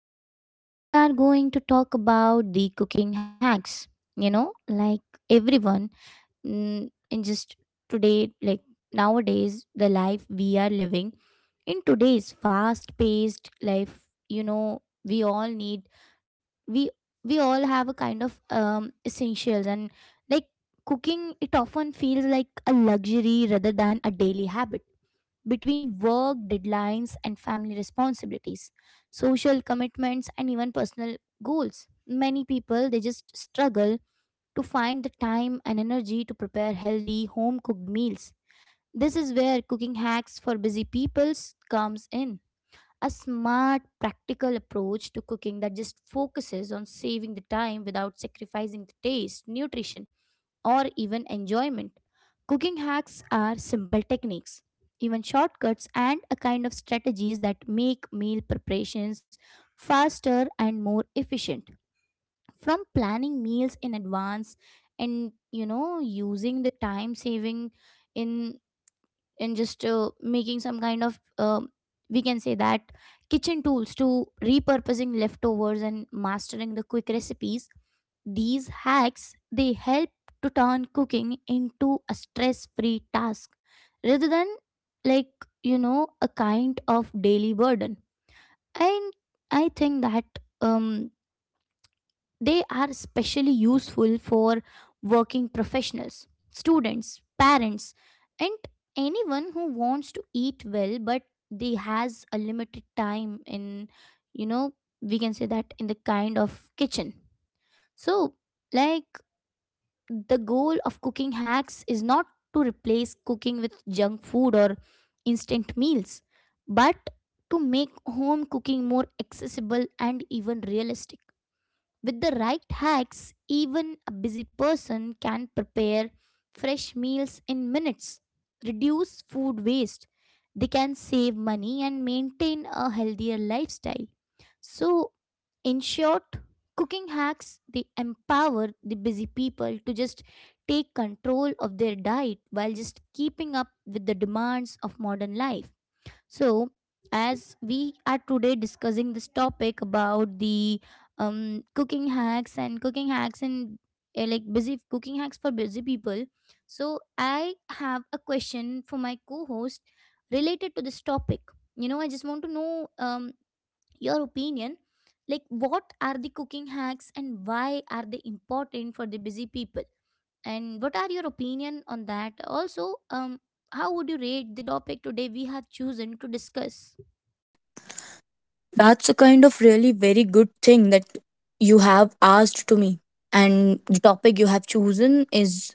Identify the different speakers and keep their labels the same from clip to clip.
Speaker 1: So today we are going to talk about the cooking hacks. You know, like everyone mm, in just today like Nowadays the life we are living in today's fast paced life, you know, we all need we we all have a kind of essentials and like cooking it often feels like a luxury rather than a daily habit between work deadlines and family responsibilities, social commitments and even personal goals. Many people they just struggle to find the time and energy to prepare healthy home cooked meals. This is where cooking hacks for busy peoples comes in, a smart practical approach to cooking that just focuses on saving the time without sacrificing the taste, nutrition, or even enjoyment. Cooking hacks are simple techniques, even shortcuts, and a kind of strategies that make meal preparations faster and more efficient. From planning meals in advance and you know using the time saving in in just making some kind of we can say that kitchen tools to repurposing leftovers and mastering the quick recipes, these hacks they help to turn cooking into a stress-free task rather than like a kind of daily burden. And I think that um, they are especially useful for working professionals, students, parents, and anyone who wants to eat well but they has a limited time in, you know, we can say that in the kind of kitchen. So, like, the goal of cooking hacks is not to replace cooking with junk food or instant meals, but to make home cooking more accessible and even realistic. With the right hacks, even a busy person can prepare fresh meals in minutes, reduce food waste, they can save money and maintain a healthier lifestyle. So, in short, cooking hacks they empower the busy people to just take control of their diet while just keeping up with the demands of modern life. So, as we are today discussing this topic about the cooking hacks and like busy cooking hacks for busy people, so I have a question for my co host related to this topic. You know, I just want to know, your opinion. Like, what are the cooking hacks and why are they important for the busy people? And what are your opinion on that? Also, how would you rate the topic today we have chosen to discuss?
Speaker 2: That's a kind of really very good thing that you have asked to me. And the topic you have chosen is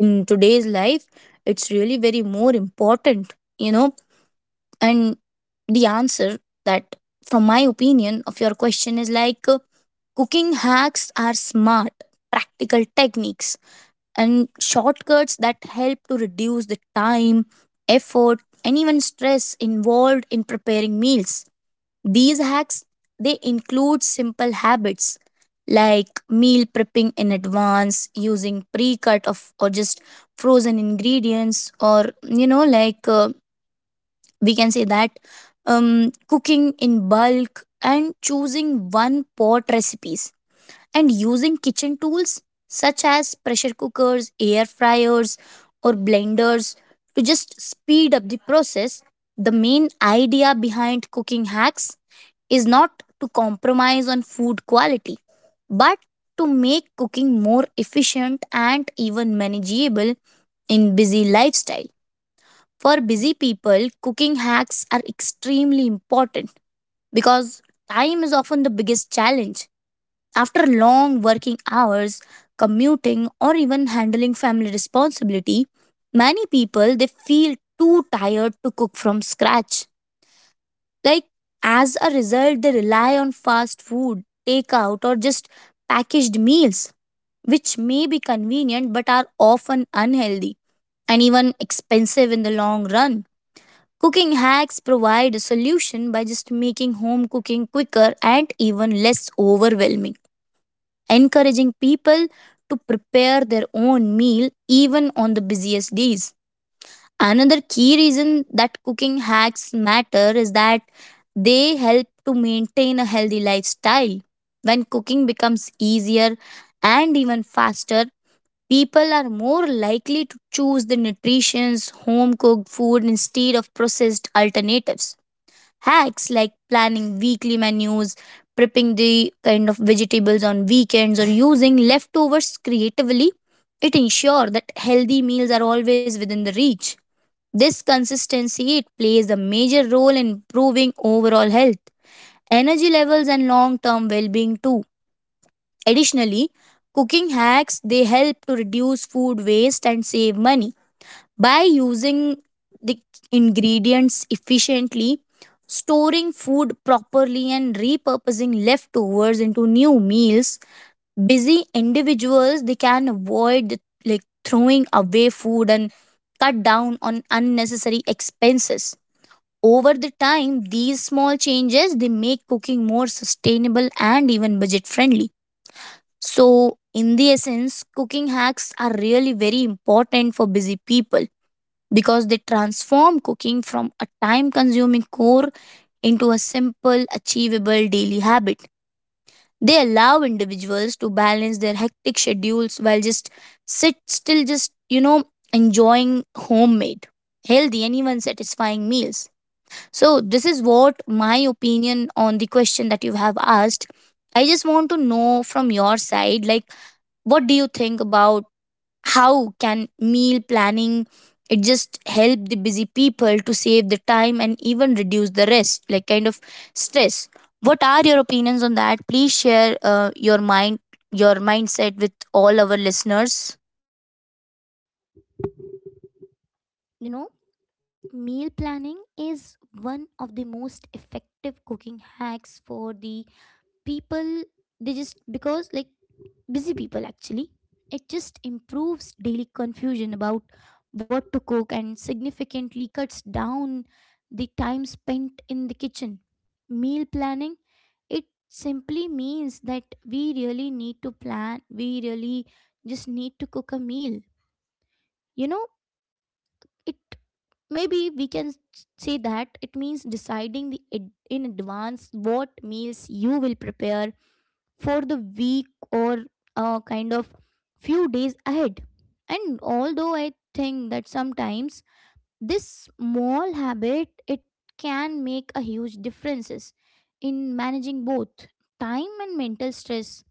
Speaker 2: in today's life, it's really very more important, you know. And the answer that, from my opinion, of your question is like cooking hacks are smart, practical techniques and shortcuts that help to reduce the time, effort, and even stress involved in preparing meals. These hacks they include simple habits like meal prepping in advance, using pre-cut of or just frozen ingredients, or you know, like we can say that cooking in bulk and choosing one pot recipes and using kitchen tools such as pressure cookers, air fryers, or blenders to just speed up the process. The main idea behind cooking hacks is not to compromise on food quality, but to make cooking more efficient and even manageable in busy lifestyle. For busy people, cooking hacks are extremely important because time is often the biggest challenge after long working hours, commuting, or even handling family responsibility, many people they feel too tired to cook from scratch. Like as a result, they rely on fast food, takeout, or just packaged meals, which may be convenient but are often unhealthy and even expensive in the long run. Cooking hacks provide a solution by just making home cooking quicker and even less overwhelming, encouraging people to prepare their own meal even on the busiest days. Another key reason that cooking hacks matter is that they help to maintain a healthy lifestyle. When cooking becomes easier and even faster, people are more likely to choose the nutritious home cooked food instead of processed alternatives. Hacks like planning weekly menus, prepping the kind of vegetables on weekends, or using leftovers creatively, it ensures that healthy meals are always within the reach. This consistency it plays a major role in improving overall health, energy levels, and long-term well-being too. Additionally, cooking hacks they help to reduce food waste and save money by using the ingredients efficiently, storing food properly, and repurposing leftovers into new meals, busy individuals they can avoid like throwing away food and cut down on unnecessary expenses. Over the time, these small changes they make cooking more sustainable and even budget friendly. So, in the essence, cooking hacks are really very important for busy people because they transform cooking from a time consuming chore into a simple, achievable daily habit. They allow individuals to balance their hectic schedules while just sit still, just you know, enjoying homemade, healthy, and even satisfying meals. So, this is what my opinion on the question that you have asked. I just want to know from your side, like, what do you think about? How can meal planning it just help the busy people to save the time and even reduce the rest, like kind of stress? What are your opinions on that? Please share your mind, your mindset with all our listeners.
Speaker 1: You know, meal planning is one of the most effective cooking hacks for the people, they just because like busy people actually. It just improves daily confusion about what to cook and significantly cuts down the time spent in the kitchen. Meal planning, it simply means that we really need to plan, we really just need to cook a meal. You know, it, maybe we can s- say that it means deciding in advance what meals you will prepare for the week or kind of few days ahead. And although I think that sometimes this small habit it can make a huge differences in managing both time and mental stress.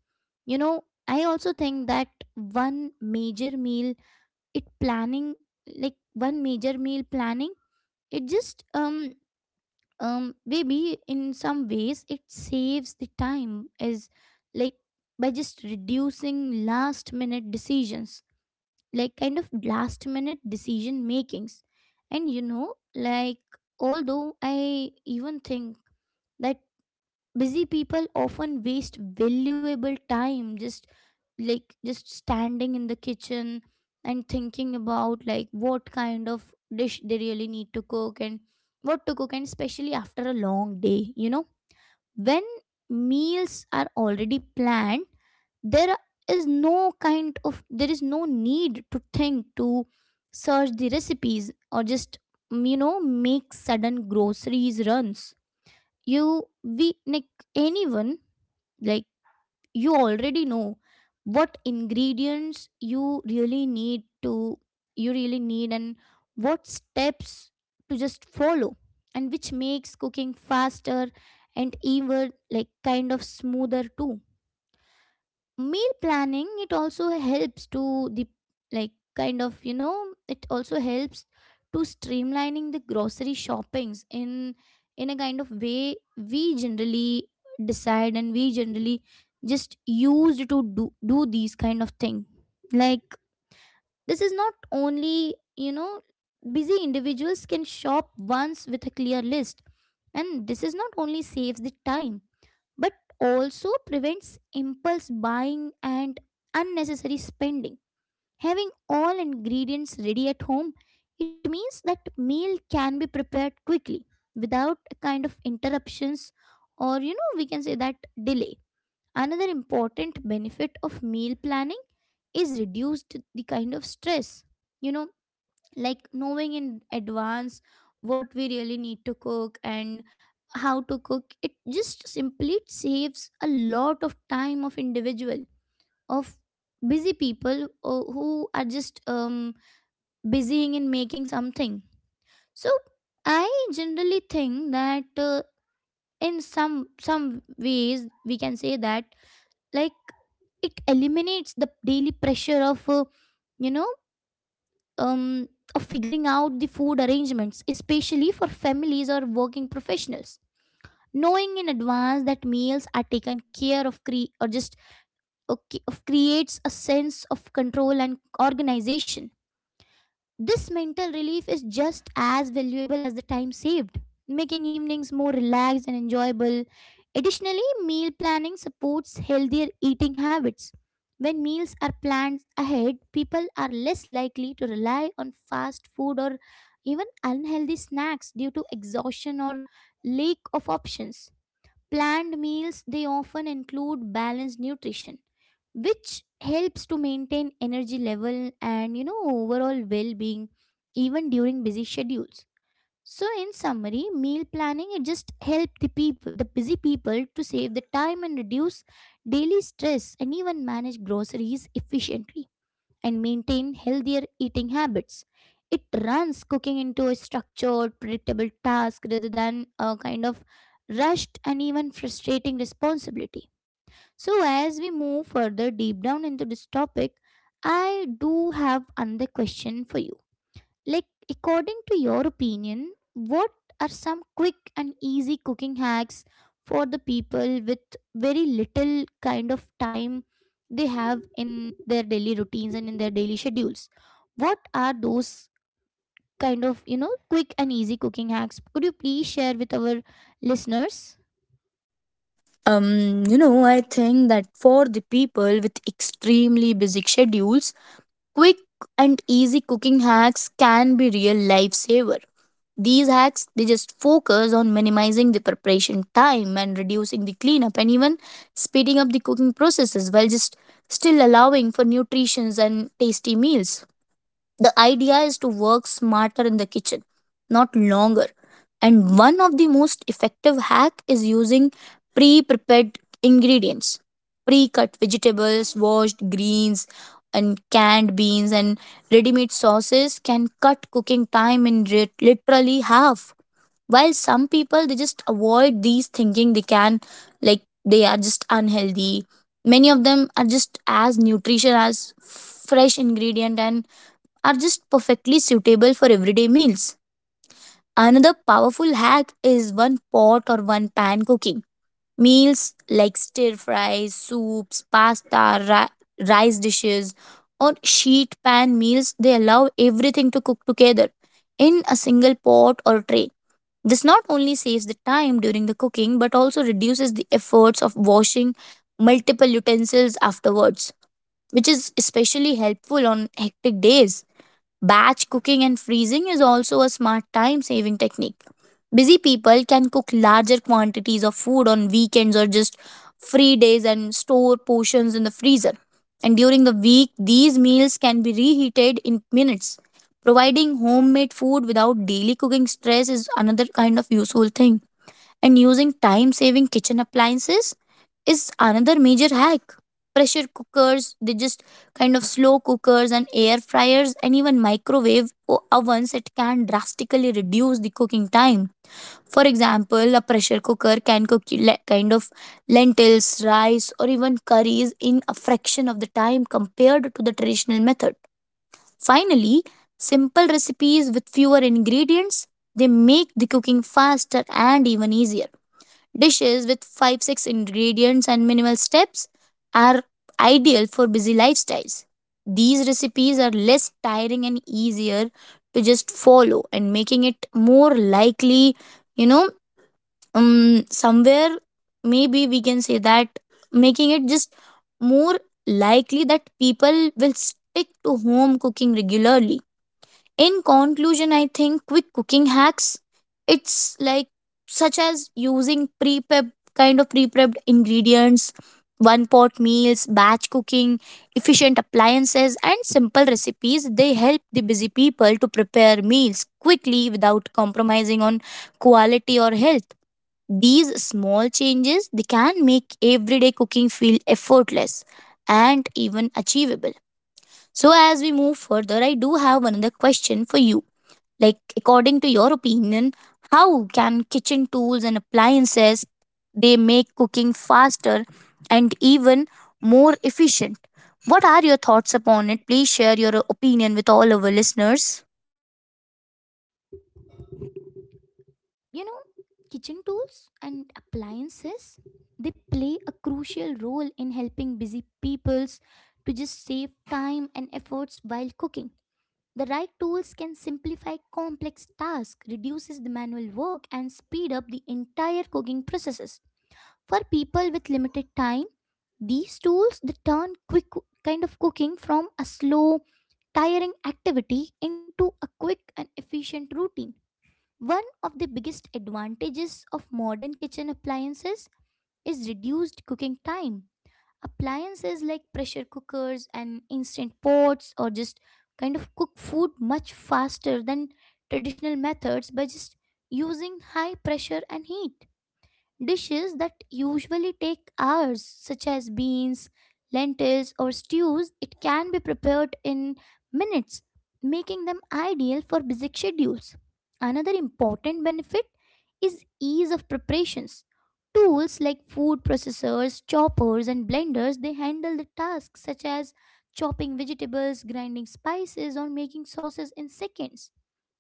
Speaker 1: You know, I also think that one major meal it planning one major meal planning, it just maybe in some ways it saves the time is like by just reducing last minute decisions, like kind of last minute decision makings and you know, like, although I even think that busy people often waste valuable time just just standing in the kitchen and thinking about, like, what kind of dish they really need to cook and what to cook, and especially after a long day, you know, when meals are already planned, there there is no need to think, to search the recipes or just, you know, make sudden groceries runs. You we like anyone like you already know what ingredients you really need and what steps to just follow, and which makes cooking faster and even like kind of smoother too. Meal planning it also helps to the, it also helps to streamlining the grocery shoppings in a kind of way we generally decide and we generally just used to do these kind of thing, like, this is not only, you know, busy individuals can shop once with a clear list, and this is not only saves the time but also prevents impulse buying and unnecessary spending. Having all ingredients ready at home, it means that meal can be prepared quickly without a kind of interruptions or, you know, we can say that delay. Another important benefit of meal planning is reduced the kind of stress. You know, like knowing in advance what we really need to cook and how to cook, it just simply saves a lot of time of individual, of busy people, who are just busying in making something. So I generally think that, in some ways we can say that, like, it eliminates the daily pressure of, you know um, of figuring out the food arrangements, especially for families or working professionals. Knowing in advance that meals are taken care of, creates a sense of control and organization. This mental relief is just as valuable as the time saved, making evenings more relaxed and enjoyable. Additionally, meal planning supports healthier eating habits. When meals are planned ahead, people are less likely to rely on fast food or even unhealthy snacks due to exhaustion or lack of options. Planned meals they often include balanced nutrition, which helps to maintain energy level and, you know, overall well-being even during busy schedules. So in summary, meal planning it just help the people, the busy people, to save the time and reduce daily stress and even manage groceries efficiently and maintain healthier eating habits. It runs cooking into a structured, predictable task rather than a kind of rushed and even frustrating responsibility. So, as we move further deep down into this topic, I do have another question for you. Like, according to your opinion, what are some quick and easy cooking hacks for the people with very little kind of time they have in their daily routines and in their daily schedules? What are those kind of, you know, quick and easy cooking hacks? Could you please share with our listeners?
Speaker 2: You know, I think that for the people with extremely busy schedules, quick and easy cooking hacks can be real lifesaver. These hacks they just focus on minimizing the preparation time and reducing the cleanup and even speeding up the cooking processes while just still allowing for nutritious and tasty meals. The idea is to work smarter in the kitchen, not longer. And one of the most effective hack is using pre-prepared ingredients, pre-cut vegetables, washed greens, and canned beans and ready-made sauces can cut cooking time in literally half. While some people they just avoid these thinking they can like they are just unhealthy, many of them are just as nutrition as fresh ingredient and are just perfectly suitable for everyday meals. Another powerful hack is one pot or one pan cooking. Meals like stir fries, soups, pasta, rice dishes, or sheet pan meals, they allow everything to cook together in a single pot or tray. This not only saves the time during the cooking but also reduces the efforts of washing multiple utensils afterwards, which is especially helpful on hectic days. Batch cooking and freezing is also a smart time saving technique. Busy people can cook larger quantities of food on weekends or just free days and store portions in the freezer. And during the week, these meals can be reheated in minutes. Providing homemade food without daily cooking stress is another kind of useful thing, and using time saving kitchen appliances is another major hack. Pressure cookers, they just kind of slow cookers and air fryers and even microwave ovens, it can drastically reduce the cooking time. For example, a pressure cooker can cook kind of lentils, rice, or even curries in a fraction of the time compared to the traditional method. Finally, simple recipes with fewer ingredients they make the cooking faster and even easier. Dishes with 5 6 ingredients and minimal steps are ideal for busy lifestyles. These recipes are less tiring and easier to just follow, and making it more likely, you know, somewhere maybe we can say that making it just more likely that people will stick to home cooking regularly. In conclusion, I think quick cooking hacks it's like such as using pre-prep kind of pre-prepped ingredients, one pot meals, batch cooking, efficient appliances, and simple recipes, they help the busy people to prepare meals quickly without compromising on quality or health. These small changes they can make everyday cooking feel effortless and even achievable. So, as we move further, I do have another question for you. Like, according to your opinion, how can kitchen tools and appliances they make cooking faster and even more efficient? What are your thoughts upon it? Please share your opinion with all our listeners.
Speaker 1: You know, kitchen tools and appliances, they play a crucial role in helping busy peoples to just save time and efforts while cooking. The right tools can simplify complex tasks, reduces the manual work and speed up the entire cooking processes. For people with limited time, these tools they turn quick kind of cooking from a slow, tiring activity into a quick and efficient routine. One of the biggest advantages of modern kitchen appliances is reduced cooking time. Appliances like pressure cookers and instant pots or just kind of cook food much faster than traditional methods by just using high pressure and heat. Dishes that usually take hours, such as beans, lentils, or stews, it can be prepared in minutes, making them ideal for busy schedules. Another important benefit is ease of preparations. Tools like food processors, choppers, and blenders they handle the tasks such as chopping vegetables, grinding spices, or making sauces in seconds.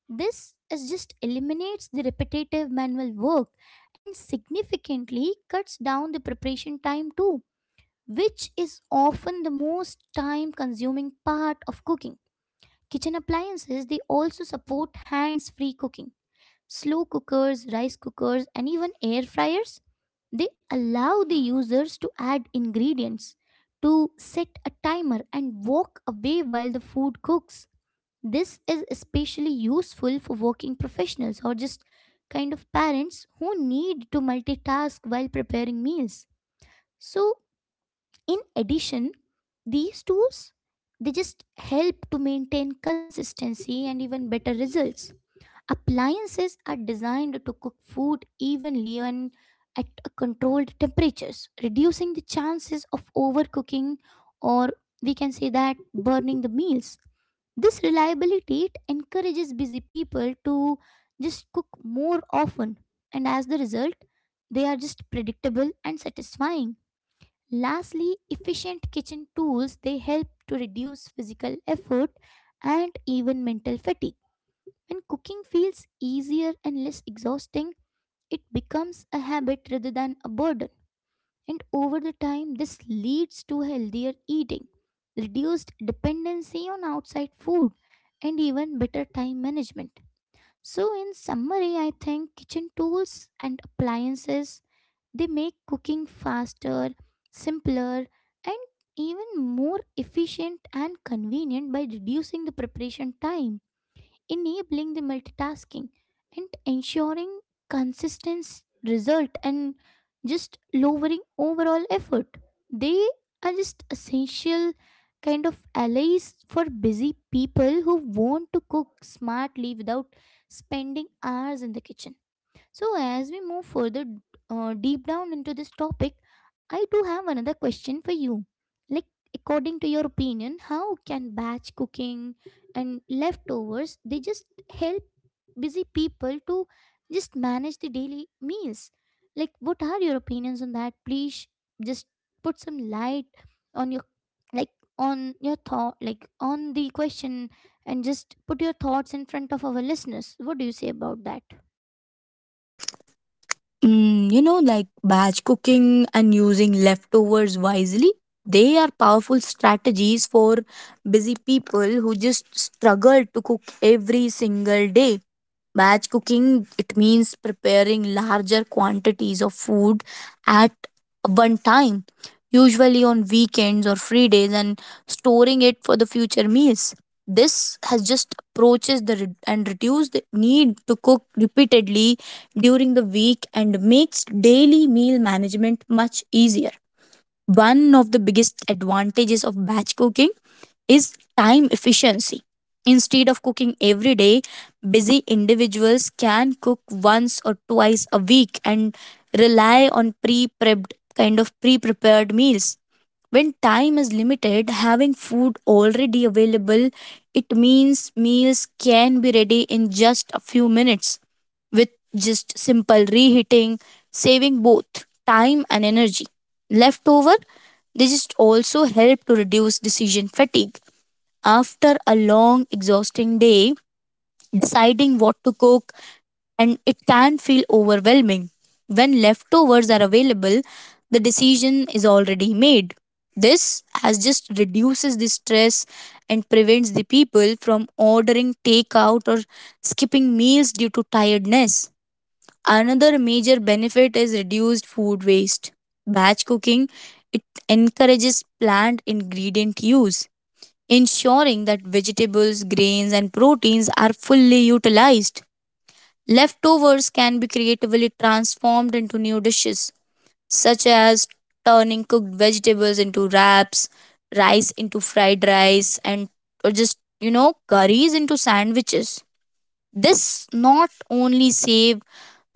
Speaker 1: This is just eliminates the repetitive manual work and significantly cuts down the preparation time too, which is often the most time consuming part of cooking. Kitchen appliances they also support hands-free cooking. Slow cookers, rice cookers and even air fryers they allow the users to add ingredients, to set a timer and walk away while the food cooks. This is especially useful for working professionals or just kind of parents who need to multitask while preparing meals. So, in addition, these tools they just help to maintain consistency and even better results. Appliances are designed to cook food evenly and at a controlled temperatures, reducing the chances of overcooking or, we can say that, burning the meals. This reliability it encourages busy people to just cook more often, and as the result, they are just predictable and satisfying. Lastly, efficient kitchen tools they help to reduce physical effort and even mental fatigue. When cooking feels easier and less exhausting, it becomes a habit rather than a burden. And over the time, this leads to healthier eating, reduced dependency on outside food, and even better time management. So, in summary, I think kitchen tools and appliances they make cooking faster, simpler, and even more efficient and convenient by reducing the preparation time, enabling the multitasking and ensuring consistent result, and just lowering overall effort. They are just essential kind of allies for busy people who want to cook smartly without spending hours in the kitchen. So, as we move further deep down into this topic, I do have another question for you. Like, According to your opinion, how can batch cooking and leftovers they just help busy people to just manage the daily meals? Like, what are your opinions on that? Please just put some light on your like on your thought, on the question, and just put your thoughts in front of our listeners. What do you say about that?
Speaker 2: Mm, you know, like batch cooking and using leftovers wisely, they are powerful strategies for busy people who just struggle to cook every single day. Batch cooking, it means preparing larger quantities of food at one time, usually on weekends or free days, and storing it for the future meals. This has just approaches the and reduce the need to cook repeatedly during the week and makes daily meal management much easier. One of the biggest advantages of batch cooking is time efficiency. Instead of cooking every day, busy individuals can cook once or twice a week and rely on pre prepped kind of pre prepared meals. When time is limited, having food already available, it means meals can be ready in just a few minutes with just simple reheating, saving both time and energy. Leftover, they just also help to reduce decision fatigue. After a long, exhausting day, deciding what to cook and it can feel overwhelming. When leftovers are available, the decision is already made. This has just reduces the stress and prevents the people from ordering takeout or skipping meals due to tiredness. Another major benefit is reduced food waste. Batch cooking it encourages plant ingredient use, ensuring that vegetables, grains and proteins are fully utilized. Leftovers can be creatively transformed into new dishes such as turning cooked vegetables into wraps, rice into fried rice and or just you know curries into sandwiches. This not only save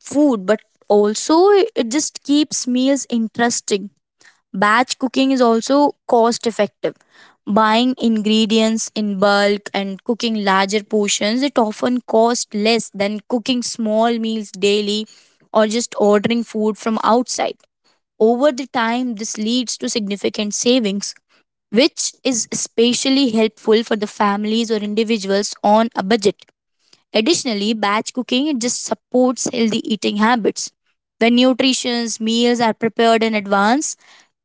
Speaker 2: food but also it just keeps meals interesting. Batch cooking is also cost effective. Buying ingredients in bulk and cooking larger portions, it often costs less than cooking small meals daily or just ordering food from outside. Over the time, this leads to significant savings, which is especially helpful for the families or individuals on a budget. Additionally, batch cooking it just supports healthy eating habits. When nutritious meals are prepared in advance,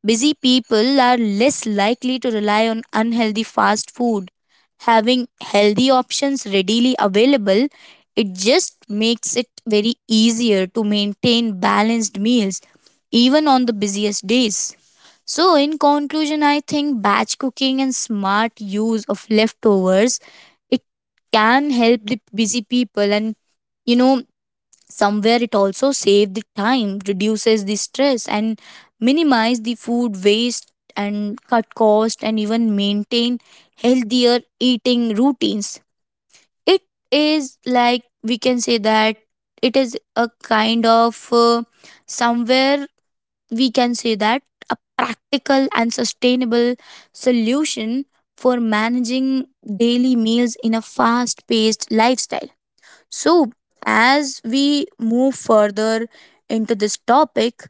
Speaker 2: busy people are less likely to rely on unhealthy fast food. Having healthy options readily available, it just makes it very easier to maintain balanced meals even on the busiest days. So, in conclusion, I think batch cooking and smart use of leftovers it can help the busy people, and you know somewhere it also save the time, reduces the stress, and minimize the food waste and cut cost and even maintain healthier eating routines. It is like we can say that it is a kind of somewhere we can say that a practical and sustainable solution for managing daily meals in a fast paced lifestyle. So, as we move further into this topic,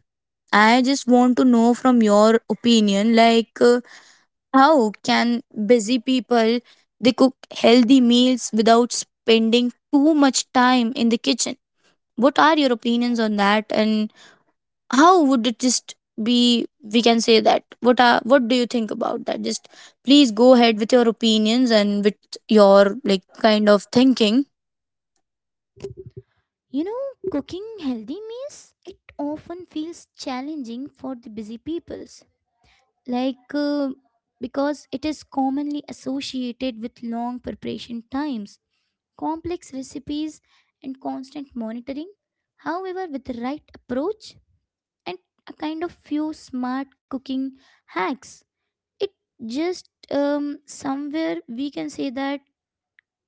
Speaker 2: I just want to know from your opinion like how can busy people they cook healthy meals without spending too much time in the kitchen? What are your opinions on that, and how would it just be we can say that what are what do you think about that? Just please go ahead with your opinions and with your like kind of thinking.
Speaker 1: You know, cooking healthy meals, it often feels challenging for the busy peoples. Like, uh, because it is commonly associated with long preparation times, complex recipes, and constant monitoring. However, with the right approach and a kind of few smart cooking hacks, it just somewhere we can say that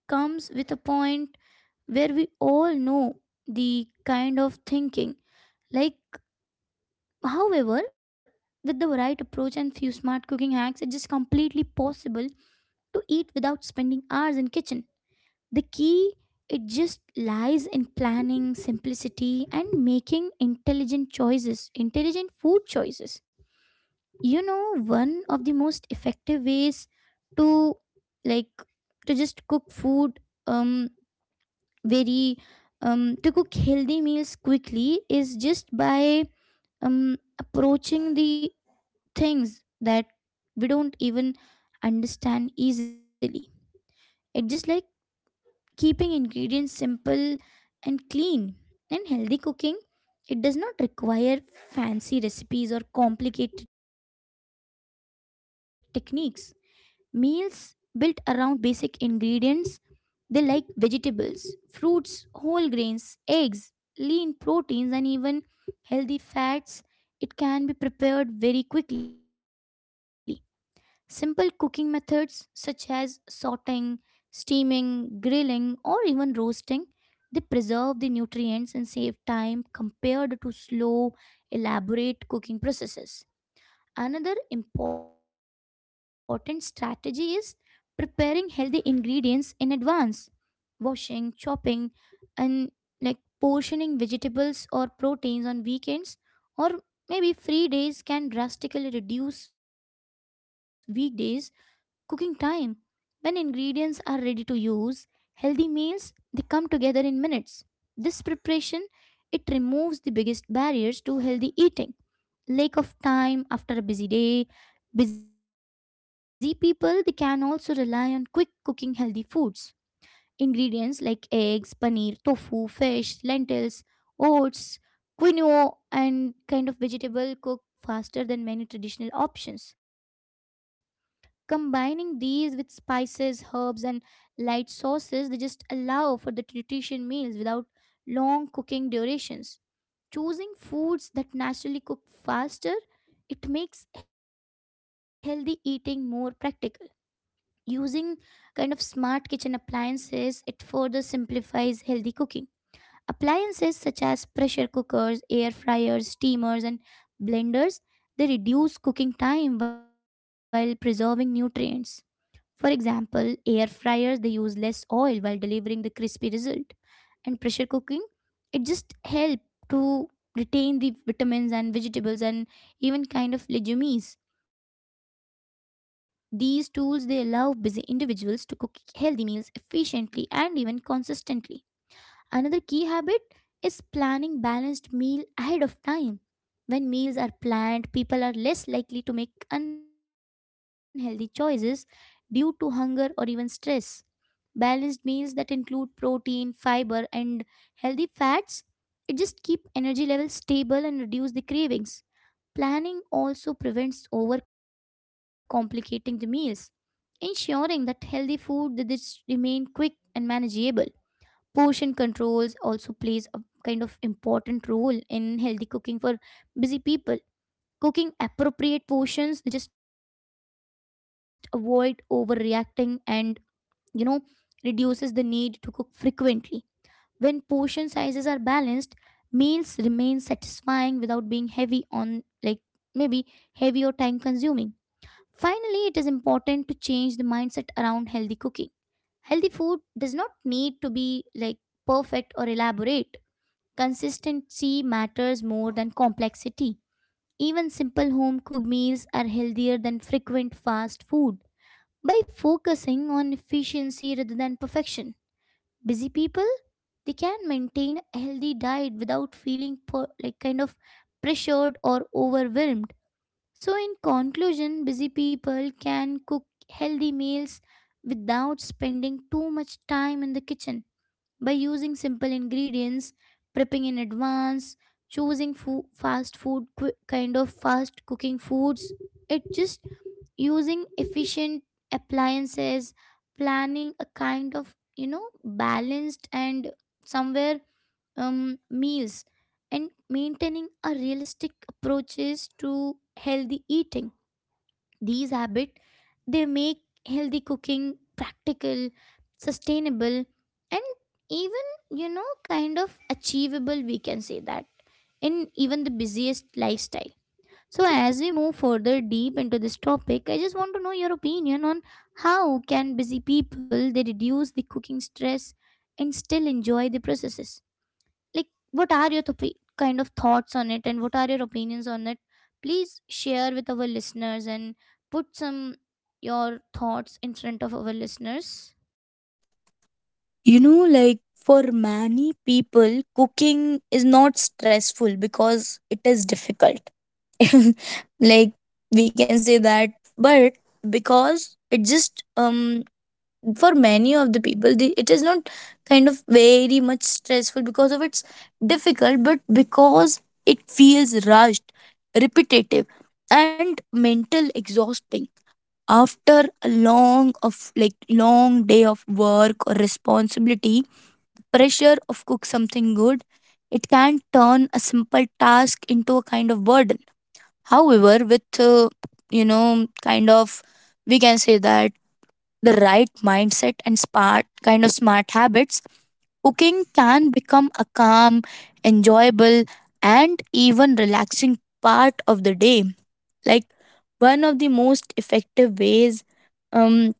Speaker 1: comes with a point where we all know the kind of thinking like However, with the right approach and few smart cooking hacks, it's just completely possible to eat without spending hours in kitchen. The key it just lies in planning, simplicity and making intelligent choices, intelligent food choices. You know, one of the most effective ways to like to just cook food um very to cook healthy meals quickly is just by approaching the things that we don't even understand easily. It's just like keeping ingredients simple and clean. And healthy cooking, it does not require fancy recipes or complicated techniques. Meals built around basic ingredients, they like vegetables, fruits, whole grains, eggs, lean proteins, and even healthy fats, it can be prepared very quickly. Simple cooking methods such as sauteing, steaming, grilling, or even roasting, they preserve the nutrients and save time compared to slow, elaborate cooking processes. Another important strategy is preparing healthy ingredients in advance: washing, chopping, and like portioning vegetables or proteins on weekends or maybe free days can drastically reduce weekdays cooking time. When ingredients are ready to use, healthy meals they come together in minutes. This preparation it removes the biggest barriers to healthy eating: lack of time after a busy day. Busy people they can also rely on quick cooking healthy foods. Ingredients like eggs, paneer, tofu, fish, lentils, oats, quinoa and kind of vegetable cook faster than many traditional options. Combining these with spices, herbs, and light sauces, they just allow for the nutrition meals without long cooking durations. Choosing foods that naturally cook faster, it makes healthy eating more practical. Using kind of smart kitchen appliances, it further simplifies healthy cooking. Appliances such as pressure cookers, air fryers, steamers, and blenders, they reduce cooking time while preserving nutrients. For example, air fryers they use less oil while delivering the crispy result. And pressure cooking, it just help to retain the vitamins and vegetables and even kind of legumes. These tools they allow busy individuals to cook healthy meals efficiently and even consistently. Another key habit is planning balanced meal ahead of time. When meals are planned, people are less likely to make unhealthy choices due to hunger or even stress. Balanced meals that include protein, fiber, and healthy fats, it just keep energy levels stable and reduce the cravings. Planning also prevents over complicating the meals, ensuring that healthy food that is remain quick and manageable. Portion controls also plays a kind of important role in healthy cooking for busy people. Cooking appropriate portions, they just avoid overreacting and you know reduces the need to cook frequently. When portion sizes are balanced, meals remain satisfying without being heavy on, like, maybe heavy or time consuming. Finally, it is important to change the mindset around healthy cooking. Healthy food does not need to be like perfect or elaborate. Consistency matters more than complexity. Even simple home cooked meals are healthier than frequent fast food. By focusing on efficiency rather than perfection, busy people they can maintain a healthy diet without feeling like kind of pressured or overwhelmed. So in conclusion, busy people can cook healthy meals without spending too much time in the kitchen by using simple ingredients, prepping in advance, choosing fast food kind of fast cooking foods. It just using efficient appliances, planning a kind of you know balanced and somewhere meals, and maintaining a realistic approaches to healthy eating. These habits they make healthy cooking practical, sustainable, and even you know kind of achievable, we can say that, in even the busiest lifestyle. So, as we move further deep into this topic, I just want to know your opinion on how can busy people they reduce the cooking stress and still enjoy the processes. Like, what are your kind of thoughts on it, and what are your opinions on it? Please share with our listeners and put some your thoughts in front of our listeners.
Speaker 2: You know, like for many people, cooking is not stressful because it is difficult. Like we can say that, but because it just for many of the people, it is not kind of very much stressful because of its difficult, but because it feels rushed, repetitive, and mental exhausting after a long day of work or responsibility pressure of cook something good, it can turn a simple task into a kind of burden. However, with kind of we can say that the right mindset and smart kind of smart habits, cooking can become a calm, enjoyable, and even relaxing part of the day. Like one of the most effective ways um,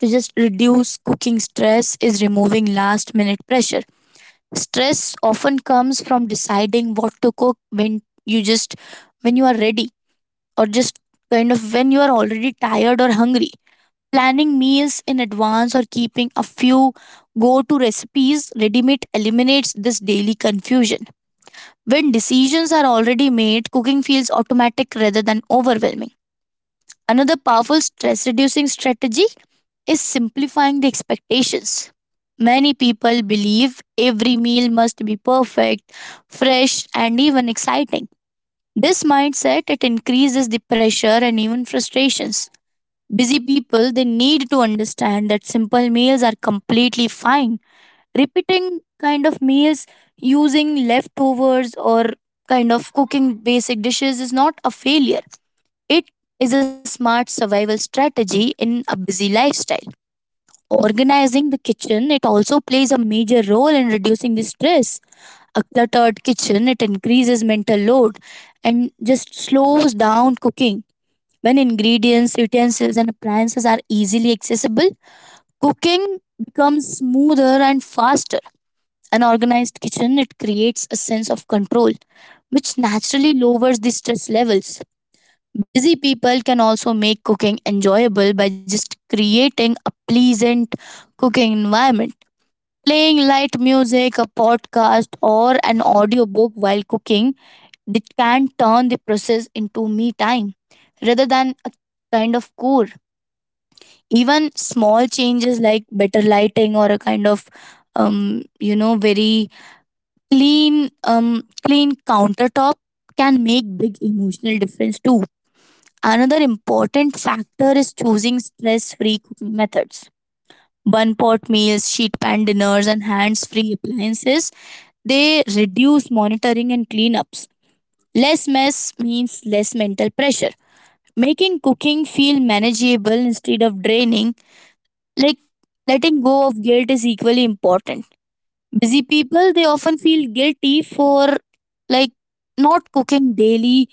Speaker 2: to just reduce cooking stress is removing last minute pressure. Stress often comes from deciding what to cook when you are ready, or just kind of when you are already tired or hungry. Planning meals in advance or keeping a few go to recipes ready made eliminates this daily confusion. When decisions are already made, cooking feels automatic rather than overwhelming. Another powerful stress reducing strategy is simplifying the expectations. Many people believe every meal must be perfect, fresh, and even exciting. This mindset, it increases the pressure and even frustrations. Busy people, they need to understand that simple meals are completely fine. Repeating kind of meals, using leftovers or kind of cooking basic dishes is not a failure. It is a smart survival strategy in a busy lifestyle. Organizing the kitchen, it also plays a major role in reducing the stress. A cluttered kitchen, it increases mental load and just slows down cooking. When ingredients, utensils, and appliances are easily accessible, cooking becomes smoother and faster. An organized kitchen, it creates a sense of control, which naturally lowers the stress levels. Busy people can also make cooking enjoyable by just creating a pleasant cooking environment. Playing light music, a podcast, or an audiobook while cooking, they can turn the process into me time rather than a kind of chore. Even small changes like better lighting or a kind of very clean countertop can make big emotional difference too. Another important factor is choosing stress free cooking methods. One pot meals, sheet pan dinners, and hands free appliances, they reduce monitoring and cleanups. Less mess means less mental pressure. Making cooking feel manageable instead of draining, like letting go of guilt, is equally important. Busy people, they often feel guilty for, like, not cooking daily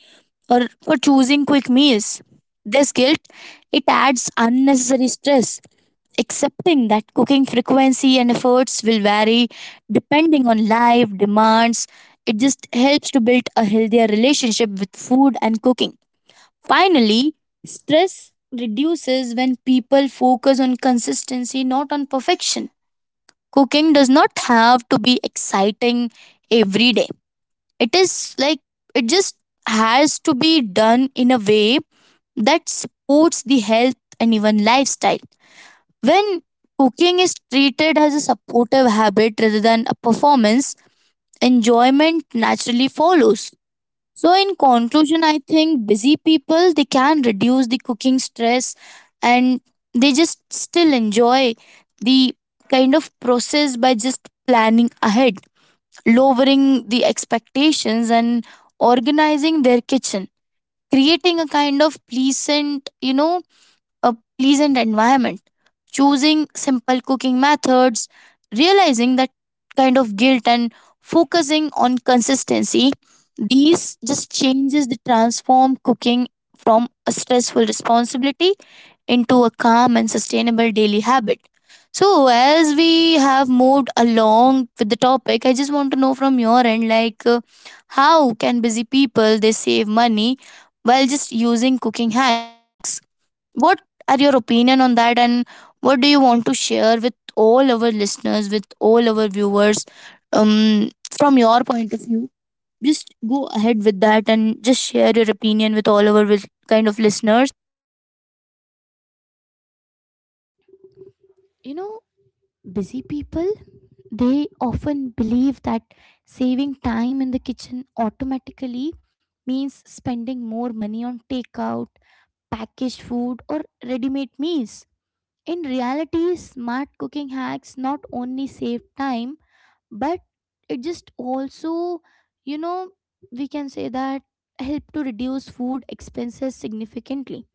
Speaker 2: or for choosing quick meals. This guilt, it adds unnecessary stress. Accepting that cooking frequency and efforts will vary depending on life demands, it just helps to build a healthier relationship with food and cooking. Finally, stress reduces when people focus on consistency, not on perfection. Cooking does not have to be exciting every day. It is like it just has to be done in a way that supports the health and even lifestyle. When cooking is treated as a supportive habit rather than a performance, enjoyment naturally follows. So, in conclusion, I think busy people, they can reduce the cooking stress and they just still enjoy the kind of process by just planning ahead, lowering the expectations and organizing their kitchen, creating a kind of a pleasant environment, choosing simple cooking methods, realizing that kind of guilt and focusing on consistency. These just changes that transform cooking from a stressful responsibility into a calm and sustainable daily habit. So, as we have moved along with the topic, I just want to know from your end, like, how can busy people they save money while just using cooking hacks? What are your opinion on that and what do you want to share with all our listeners, with all our viewers from your point of view? Just go ahead with that and just share your opinion with all our listeners.
Speaker 1: You know, busy people, they often believe that saving time in the kitchen automatically means spending more money on takeout, packaged food, or ready made meals. In reality, smart cooking hacks not only save time, but it just also, you know, we can say that help to reduce food expenses significantly.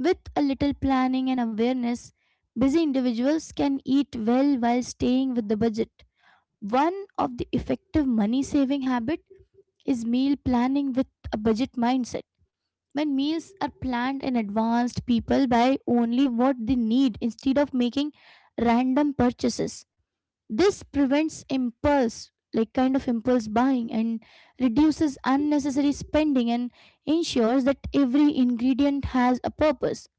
Speaker 1: With a little planning and awareness, busy individuals can eat well while staying with the budget. One of the effective money saving habit is meal planning with a budget mindset. When meals are planned in advance, people buy only what they need instead of making random purchases. This prevents impulse, like kind of impulse buying, and reduces unnecessary spending and ensures that every ingredient has a purpose.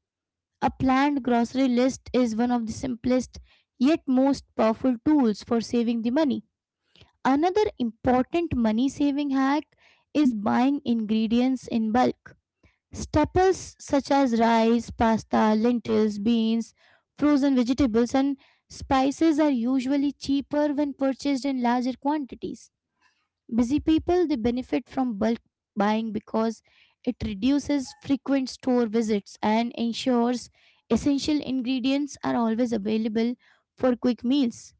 Speaker 1: A planned grocery list is one of the simplest yet most powerful tools for saving the money. Another important money saving hack is buying ingredients in bulk. Staples such as rice, pasta, lentils, beans, frozen vegetables, and spices are usually cheaper when purchased in larger quantities. Busy people they benefit from bulk buying because it reduces frequent store visits and ensures essential ingredients are always available for quick meals.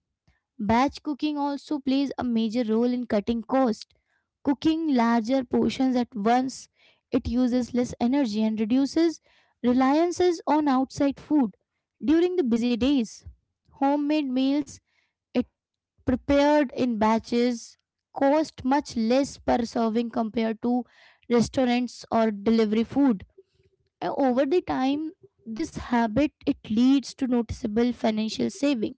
Speaker 1: Batch cooking also plays a major role in cutting cost. Cooking larger portions at once, it uses less energy and reduces reliances on outside food during the busy days. Homemade meals, it prepared in batches, cost much less per serving compared to restaurants or delivery food. And over the time, this habit it leads to noticeable financial savings.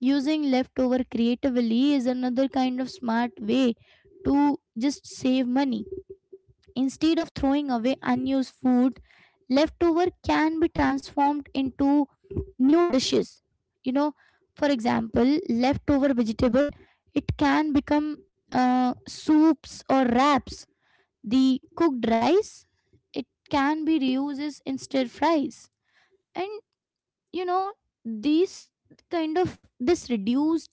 Speaker 1: Using leftover creatively is another kind of smart way to just save money. Instead of throwing away unused food, leftover can be transformed into new dishes. You know, for example, leftover vegetable, it can become soups or wraps. The cooked rice, it can be reused in stir fries. And you know, these kind of this reduced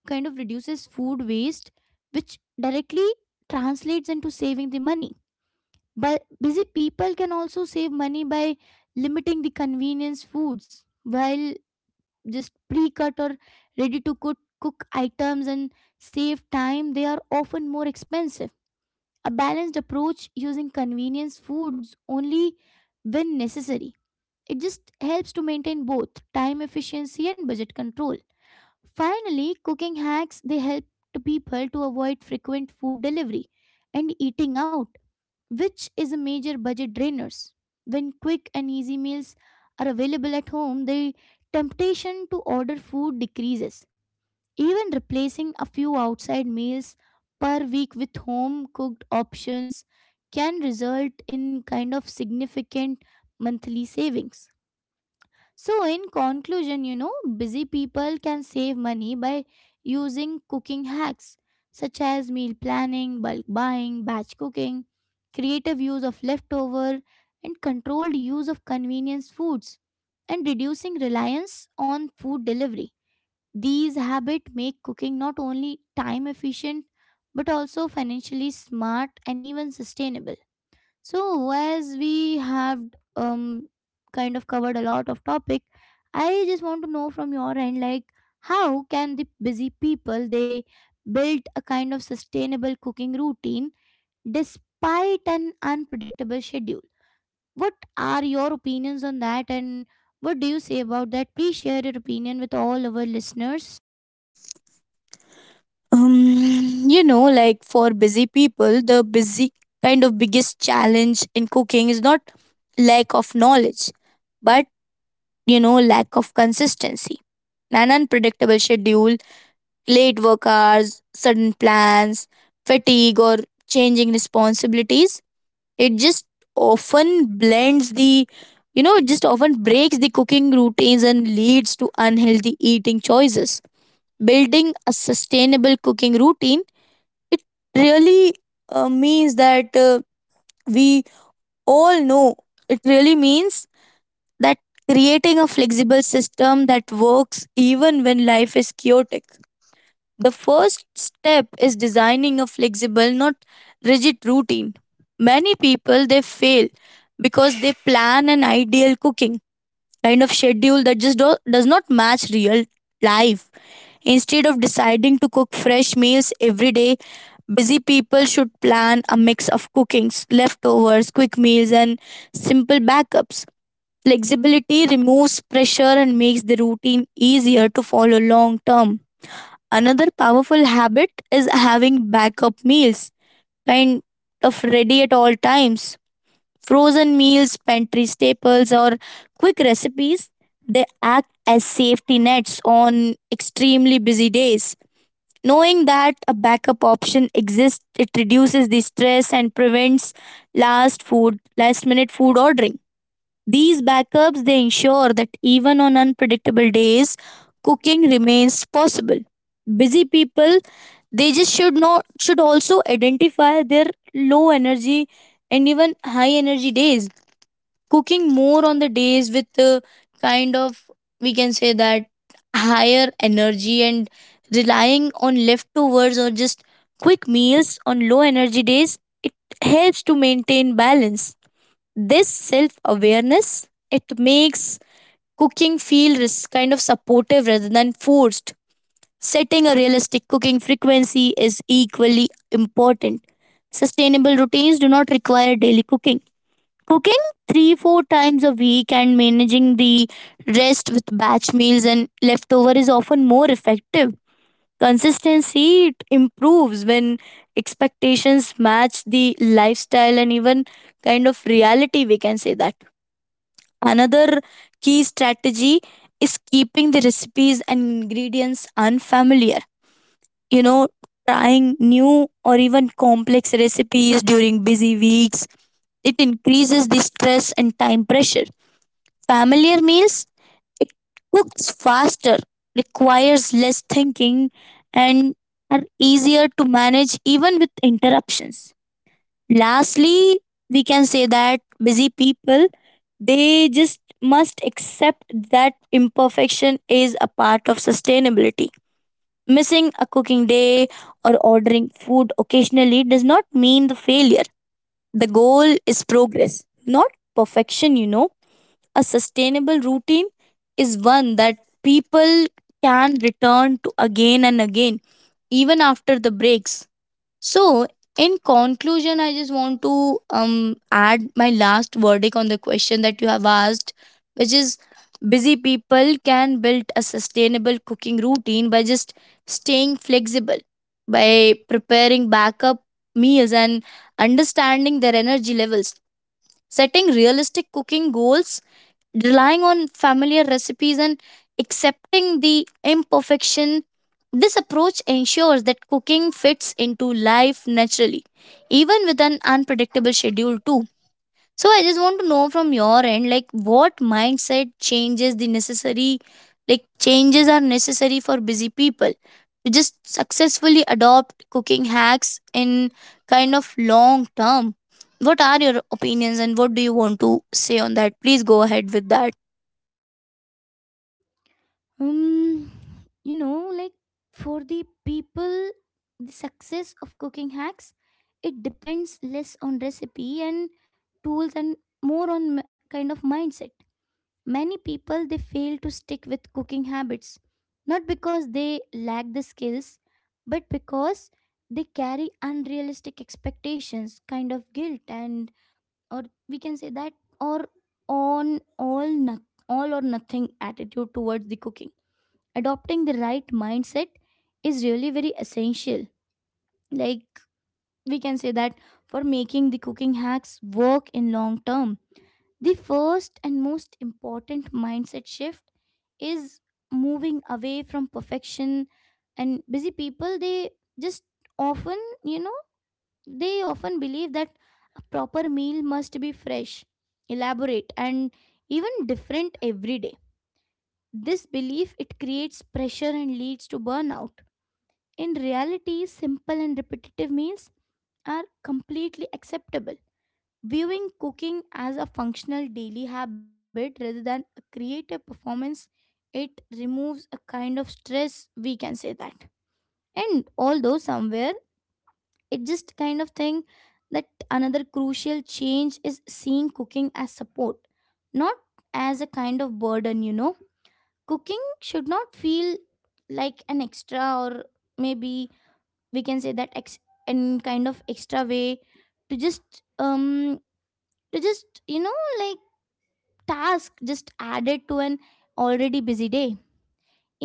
Speaker 1: kind of reduces food waste, which directly translates into saving the money. But busy people can also save money by limiting the convenience foods. While just pre-cut or ready to cook items and save time, they are often more expensive. A balanced approach using convenience foods only when necessary, it just helps to maintain both time efficiency and budget control. Finally, cooking hacks they help to people to avoid frequent food delivery and eating out, which is a major budget drainers. When quick and easy meals are available at home, the temptation to order food decreases. Even replacing a few outside meals per week with home cooked options can result in kind of significant monthly savings. So, in conclusion, you know, busy people can save money by using cooking hacks such as meal planning, bulk buying, batch cooking, creative use of leftover, and controlled use of convenience foods, and reducing reliance on food delivery. These habits make cooking not only time efficient but also financially smart and even sustainable. So, as we have um, kind of covered a lot of topic, I just want to know from your end, like, how can the busy people they build a kind of sustainable cooking routine despite an unpredictable schedule? What are your opinions on that, and what do you say about that? Please share your opinion with all our listeners.
Speaker 2: Like for busy people, the busy kind of biggest challenge in cooking is not lack of knowledge, but lack of consistency, an unpredictable schedule, late work hours, sudden plans, fatigue, or changing responsibilities. It just often blends the, you know, it just often breaks the cooking routines and leads to unhealthy eating choices. Building a sustainable cooking routine, it really means that we all know it really means that creating a flexible system that works even when life is chaotic. The first step is designing a flexible, not rigid routine. Many people they fail because they plan an ideal cooking kind of schedule that just does not match real life. Instead of deciding to cook fresh meals every day, busy people should plan a mix of cookings, leftovers, quick meals, and simple backups. Flexibility removes pressure and makes the routine easier to follow long term. Another powerful habit is having backup meals, kind of ready at all times. Frozen meals, pantry staples, or quick recipes, they act as safety nets on extremely busy days. Knowing that a backup option exists, it reduces the stress and prevents last minute food ordering. These backups, they ensure that even on unpredictable days, cooking remains possible. Busy people, they just should not should also identify their low energy and even high energy days. Cooking more on the days with kind of, we can say that, higher energy, and relying on leftovers or just quick meals on low energy days, it helps to maintain balance. This self awareness, it makes cooking feel supportive rather than forced. Setting a realistic cooking frequency is equally important. Sustainable routines do not require daily Cooking 3 4 times a week and managing the rest with batch meals and leftover is often more effective. Consistency, it improves when expectations match the lifestyle and even kind of reality, we can say that. Another key strategy is keeping the recipes and ingredients unfamiliar. You know, trying new or even complex recipes during busy weeks, it increases the stress and time pressure. Familiar meals, it cooks faster, requires less thinking, and are easier to manage even with interruptions. Lastly, we can say that busy people, they just must accept that imperfection is a part of sustainability. Missing a cooking day or ordering food occasionally does not mean the failure. The goal is progress, not perfection, you know. A sustainable routine is one that people can return to again and again, even after the breaks. So, in conclusion, I just want to add my last verdict on the question that you have asked, which is busy people can build a sustainable cooking routine by just staying flexible, by preparing backup meals and understanding their energy levels, setting realistic cooking goals, relying on familiar recipes and accepting the imperfection. This approach ensures that cooking fits into life naturally, even with an unpredictable schedule, too. So, I just want to know from your end, like, what mindset changes are necessary for busy people to just successfully adopt cooking hacks in kind of long term. What are your opinions and what do you want to say on that? Please go ahead with that.
Speaker 1: Um, you know, like, for the people, the success of cooking hacks it depends less on recipe and tools and more on kind of mindset. Many people they fail to stick with cooking habits not because they lack the skills, but because they carry unrealistic expectations, kind of guilt, and or we can say that, or on all or nothing attitude towards the cooking. Adopting the right mindset is really very essential, like we can say that, for making the cooking hacks work in long term. The first and most important mindset shift is moving away from perfection. And busy people they just often you know they often believe that a proper meal must be fresh, elaborate, and even different every day. This belief it creates pressure and leads to burnout. In reality, simple and repetitive meals are completely acceptable. Viewing cooking as a functional daily habit rather than a creative performance, it removes a kind of stress, we can say that. And although somewhere, it just kind of thing that another crucial change is seeing cooking as support, not as a kind of burden, you know. Cooking should not feel like an extra or maybe we can say that ex- and kind of extra way to just um to just like task just added to an already busy day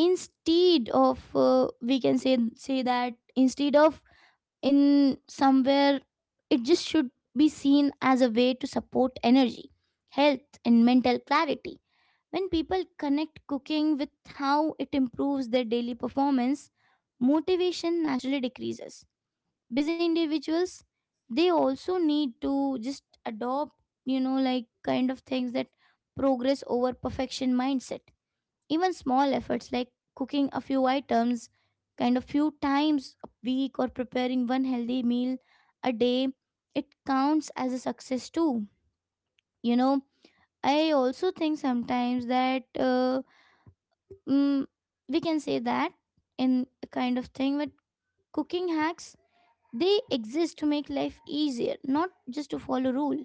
Speaker 1: instead of we can say that instead of in somewhere it just should be seen as a way to support energy, health and mental clarity. When people connect cooking with how it improves their daily performance, motivation naturally decreases. Busy individuals, they also need to just adopt, you know, like kind of things that progress over perfection mindset. Even small efforts like cooking a few items, kind of few times a week, or preparing one healthy meal a day, it counts as a success too, you know. I also think sometimes that mm, we can say that in a kind of thing with cooking hacks, they exist to make life easier, not just to follow rule.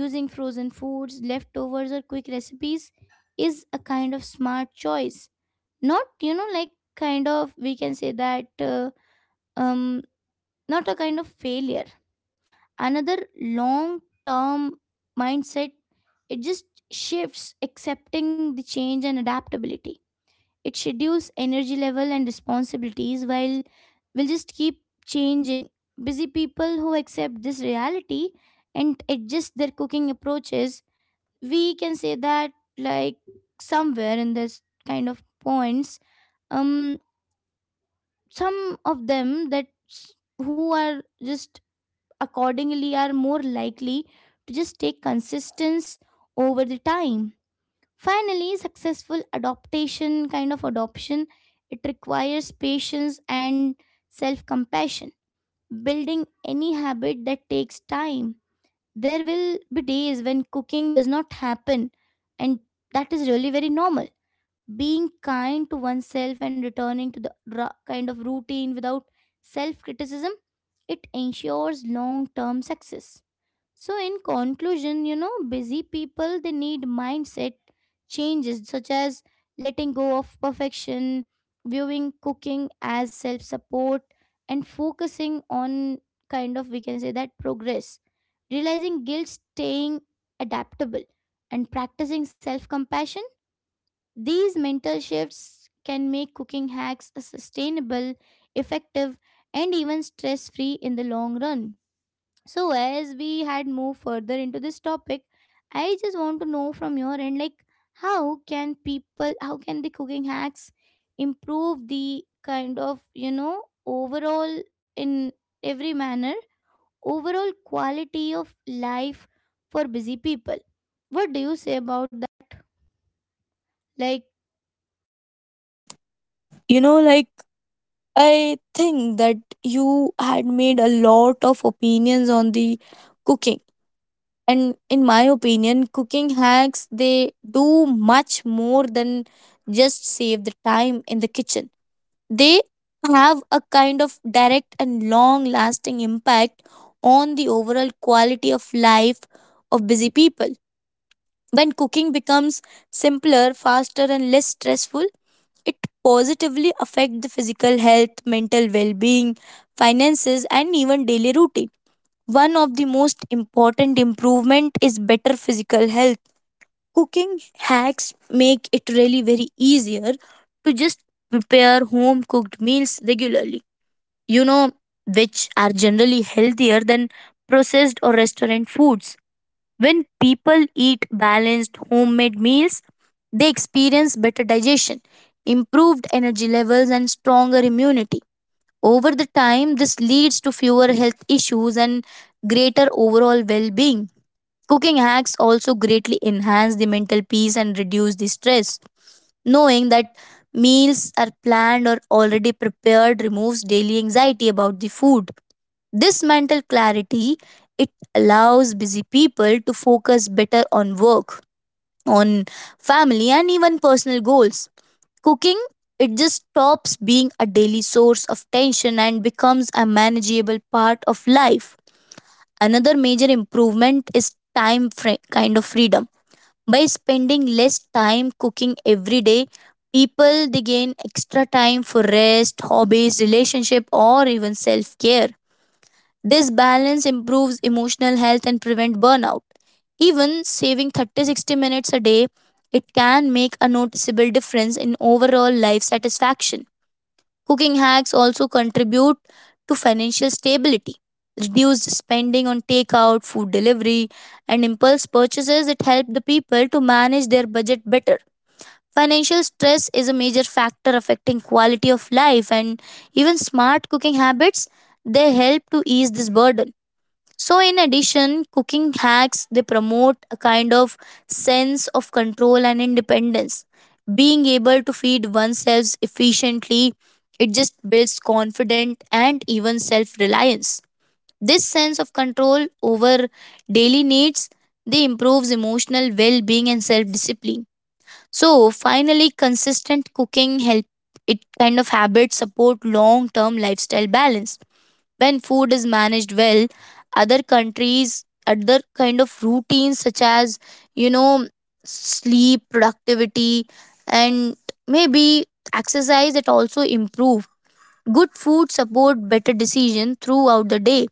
Speaker 1: Using frozen foods, leftovers or quick recipes is a kind of smart choice. Not, you know, like kind of we can say that um not a kind of failure. Another long term mindset, it just shifts, accepting the change and adaptability. It schedules energy level and responsibilities while will just keep changing. Busy people who accept this reality and adjust their cooking approaches, we can say that, like, somewhere in this kind of points, um, some of them that who are just accordingly are more likely to just take consistence over the time. Finally, successful adaptation, kind of adoption, it requires patience and self-compassion. Building any habit that takes time. There will be days when cooking does not happen, and that is really very normal. Being kind to oneself and returning to the kind of routine without self-criticism, it ensures long-term success. So, in conclusion, you know, busy people, they need mindset changes such as letting go of perfection, viewing cooking as self support, and focusing on kind of we can say that progress, realizing guilt, staying adaptable, and practicing self compassion. These mental shifts can make cooking hacks sustainable, effective, and even stress free in the long run. So, as we had moved further into this topic, I just want to know from your end, like, how can people, how can the cooking hacks improve the kind of, you know, overall in every manner, overall quality of life for busy people? What do you say about that? Like,
Speaker 2: You know, like, I think that you had made a lot of opinions on the cooking. And in my opinion, cooking hacks, they do much more than just save the time in the kitchen. They have a kind of direct and long lasting impact on the overall quality of life of busy people. When cooking becomes simpler, faster, and less stressful, it positively affects the physical health, mental well-being, finances, and even daily routine. One of the most important improvement is better physical health. Cooking hacks make it really very easier to just prepare home cooked meals regularly you know which are generally healthier than processed or restaurant foods. When people eat balanced homemade meals, they experience better digestion, improved energy levels, and stronger immunity. Over the time, this leads to fewer health issues and greater overall well being. Cooking hacks also greatly enhance the mental peace and reduce the stress. Knowing that meals are planned or already prepared removes daily anxiety about the food. This mental clarity, it allows busy people to focus better on work, on family and even personal goals. Cooking, it just stops being a daily source of tension and becomes a manageable part of life. Another major improvement is time freedom. By spending less time cooking every day, people they gain extra time for rest, hobbies, relationship or even self-care. This balance improves emotional health and prevent burnout. Even saving 30-60 minutes a day, it can make a noticeable difference in overall life satisfaction. Cooking hacks also contribute to financial stability. Reduced spending on takeout, food delivery, and impulse purchases, it helped the people to manage their budget better. Financial stress is a major factor affecting quality of life, and even smart cooking habits, they help to ease this burden. So, in addition, cooking hacks, they promote a kind of sense of control and independence. Being able to feed oneself efficiently, it just builds confidence and even self reliance. This sense of control over daily needs, they improves emotional well being and self discipline. So, finally, consistent cooking help it kind of habits support long term lifestyle balance when food is managed well, other countries, other kind of routines such as you know sleep productivity and maybe exercise it also improve good food support better decision throughout the day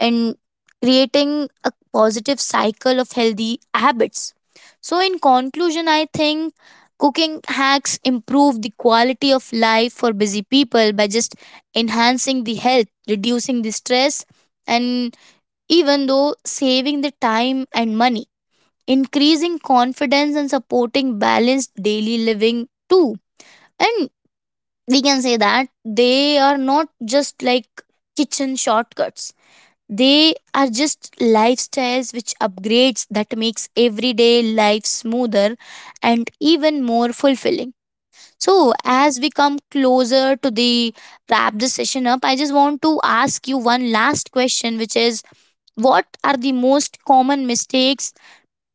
Speaker 2: and creating a positive cycle of healthy habits. So, in conclusion, I think cooking hacks improve the quality of life for busy people by just enhancing the health, reducing the stress, and even though saving the time and money, increasing confidence and supporting balanced daily living too. And we can say that they are not just like kitchen shortcuts, they are just lifestyles which upgrades that makes everyday life smoother and even more fulfilling. So as we come closer to the wrap this session up, I just want to ask you one last question which is, what are the most common mistakes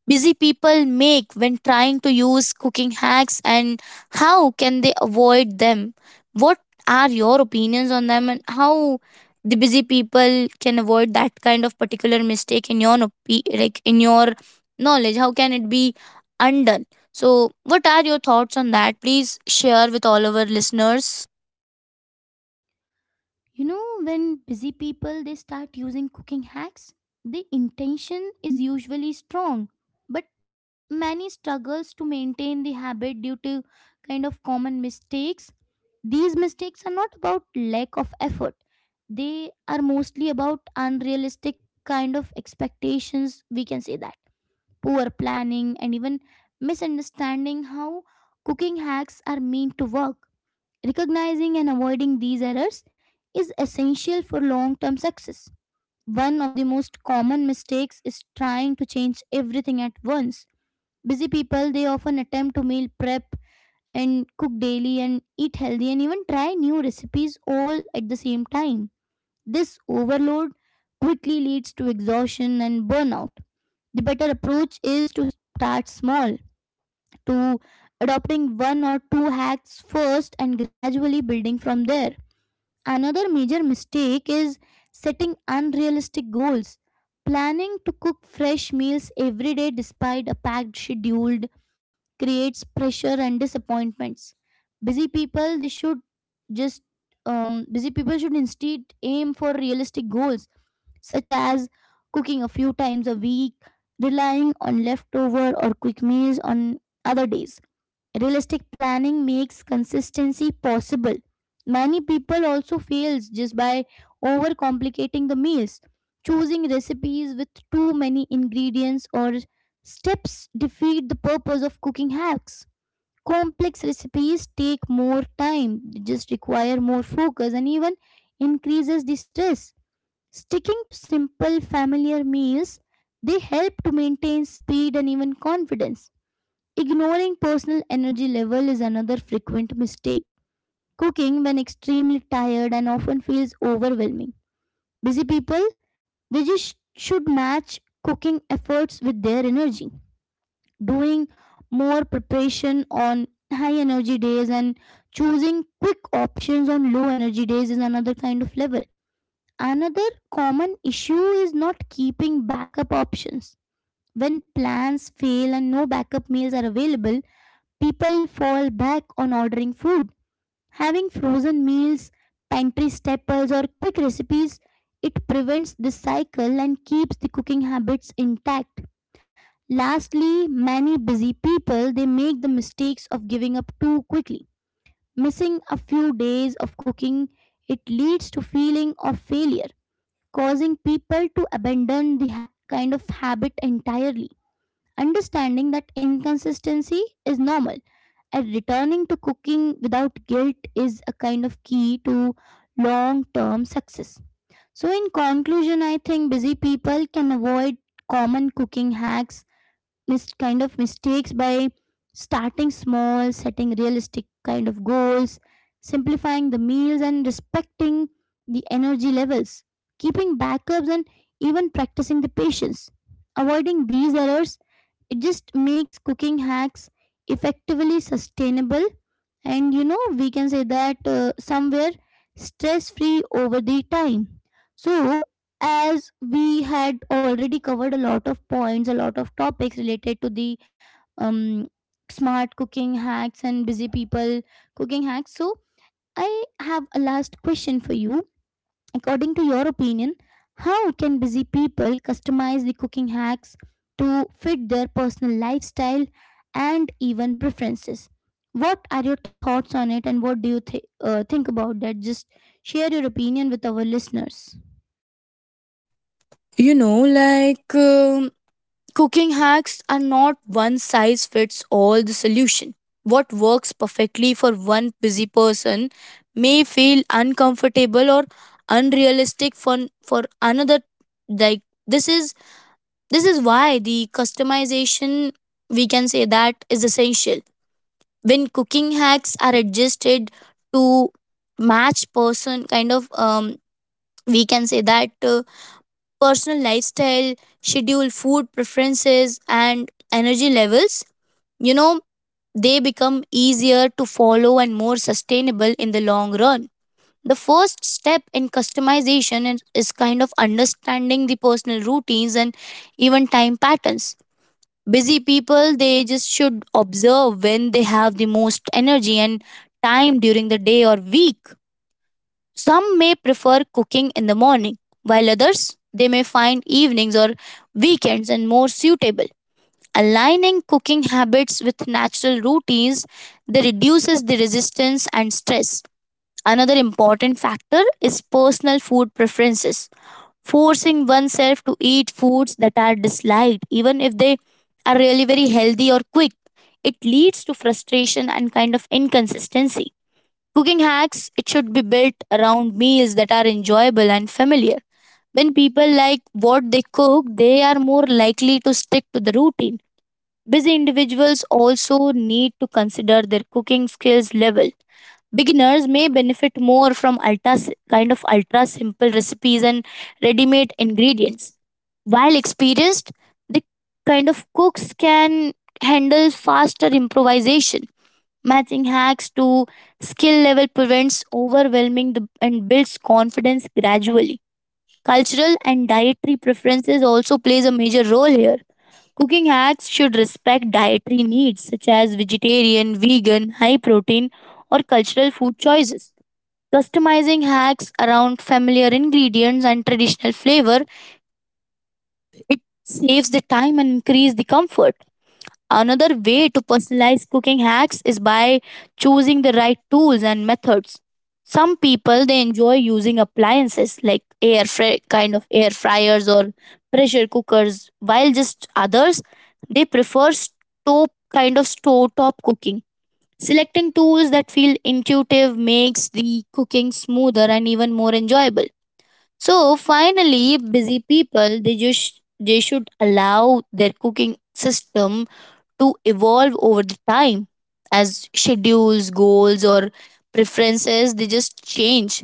Speaker 2: busy people make when trying to use cooking hacks and how can they avoid them? What are your opinions on them and how the busy people can avoid that kind of particular mistake in your like in your knowledge? How can it be undone? So, what are your thoughts on that? Please share with all our listeners.
Speaker 1: you know, when busy people they start using cooking hacks, the intention is usually strong, but many struggles to maintain the habit due to kind of common mistakes. These mistakes are not about lack of effort. They are mostly about unrealistic kind of expectations, we can say that. Poor planning and even misunderstanding how cooking hacks are meant to work. Recognizing and avoiding these errors is essential for long term success. One of the most common mistakes is trying to change everything at once. Busy people, they often attempt to meal prep and cook daily and eat healthy and even try new recipes all at the same time. This overload quickly leads to exhaustion and burnout. The better approach is to start small, to adopting one or two hacks first and gradually building from there. Another major mistake is setting unrealistic goals. Planning to cook fresh meals every day despite a packed schedule creates pressure and disappointments. Busy people they should just Busy people should instead aim for realistic goals such as cooking a few times a week, relying on leftover or quick meals on other days. Realistic planning makes consistency possible. Many people also fails just by overcomplicating the meals. Choosing recipes with too many ingredients or steps defeat the purpose of cooking hacks. Complex recipes take more time, they just require more focus and even increases the stress. Sticking to simple familiar meals, they help to maintain speed and even confidence. Ignoring personal energy level is another frequent mistake. Cooking when extremely tired and often feels overwhelming. Busy people, they just should match cooking efforts with their energy. Doing more preparation on high energy days and choosing quick options on low energy days is another kind of level. Another common issue is not keeping backup options. When plans fail and no backup meals are available, people fall back on ordering food. Having frozen meals, pantry staples, or quick recipes, it prevents this cycle and keeps the cooking habits intact. Lastly, many busy people they make the mistakes of giving up too quickly. Missing a few days of cooking, it leads to feeling of failure, causing people to abandon the kind of habit entirely. Understanding that inconsistency is normal and returning to cooking without guilt is a kind of key to long term success. So, in conclusion, I think busy people can avoid common cooking hacks, kind of mistakes by starting small, setting realistic kind of goals, simplifying the meals, and respecting the energy levels, keeping backups, and even practicing the patience. Avoiding these errors, it just makes cooking hacks effectively sustainable and you know we can say that somewhere stress free over the time. So, as we had already covered a lot of points, a lot of topics related to the um, smart cooking hacks and busy people cooking hacks, so I have a last question for you. According to your opinion, how can busy people customize the cooking hacks to fit their personal lifestyle and even preferences? What are your thoughts on it and what do you think about that? Just share your opinion with our listeners.
Speaker 2: You know, like um Cooking hacks are not one size fits all the solution. What works perfectly for one busy person may feel uncomfortable or unrealistic for, another. Like, this is why the customization, we can say that is essential. When cooking hacks are adjusted to match person we can say that personal lifestyle, schedule, food preferences, and energy levels, you know, they become easier to follow and more sustainable in the long run. The first step in customization is kind of understanding the personal routines and even time patterns. Busy people, they just should observe when they have the most energy and time during the day or week. Some may prefer cooking in the morning, while others they may find evenings or weekends and more suitable. Aligning cooking habits with natural routines, they reduces the resistance and stress. Another important factor is personal food preferences. Forcing oneself to eat foods that are disliked, even if they are really very healthy or quick, it leads to frustration and kind of inconsistency. Cooking hacks, it should be built around meals that are enjoyable and familiar. When people like what they cook, they are more likely to stick to the routine. Busy individuals also need to consider their cooking skills level. Beginners may benefit more from kind of ultra simple recipes and ready-made ingredients. While experienced, the kind of cooks can handle faster improvisation. Matching hacks to skill level prevents overwhelming the, and builds confidence gradually. Cultural and dietary preferences also plays a major role here. Cooking hacks should respect dietary needs such as vegetarian, vegan, high protein or cultural food choices. Customizing hacks around familiar ingredients and traditional flavor, it saves the time and increase the comfort. Another way to personalize cooking hacks is by choosing the right tools and methods. Some people they enjoy using appliances like kind of air fryers or pressure cookers, while just others they prefer stove kind of stove top cooking. Selecting tools that feel intuitive makes the cooking smoother and even more enjoyable. So finally, busy people they should allow their cooking system to evolve over the time as schedules, goals, or preferences they just change.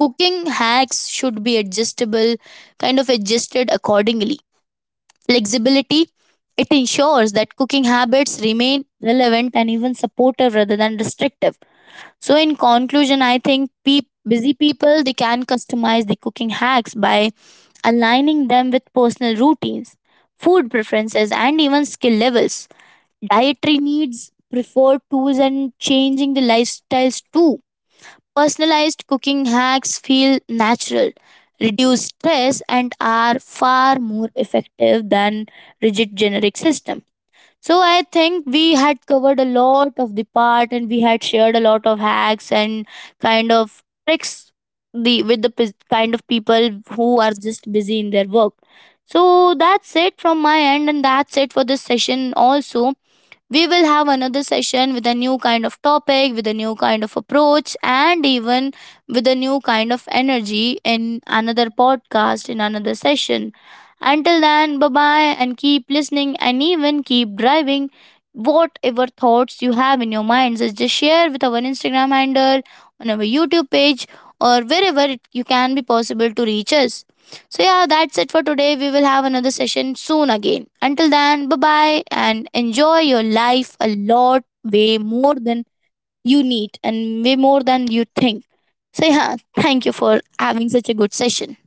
Speaker 2: Cooking hacks should be kind of adjusted accordingly. Flexibility, it ensures that cooking habits remain relevant and even supportive rather than restrictive. So in conclusion, I think busy people they can customize the cooking hacks by aligning them with personal routines, food preferences, and even skill levels, dietary needs, preferred tools, and changing the lifestyles too. Personalized cooking hacks feel natural, reduce stress, and are far more effective than rigid generic systems. So I think we had covered a lot of the part and we had shared a lot of hacks and kind of tricks the with the kind of people who are just busy in their work. So that's it from my end and that's it for this session also. We will have another session with a new kind of topic, with a new kind of approach, and even with a new kind of energy in another podcast, in another session. Until then, bye bye, and keep listening and even keep driving. Whatever thoughts you have in your minds, is just share with our Instagram handle, on our YouTube page, or wherever it, you can be possible to reach us. So, yeah, that's it for today. We will have another session soon again. Until then, bye bye and enjoy your life a lot, way more than you need and way more than you think. So, yeah, thank you for having such a good session.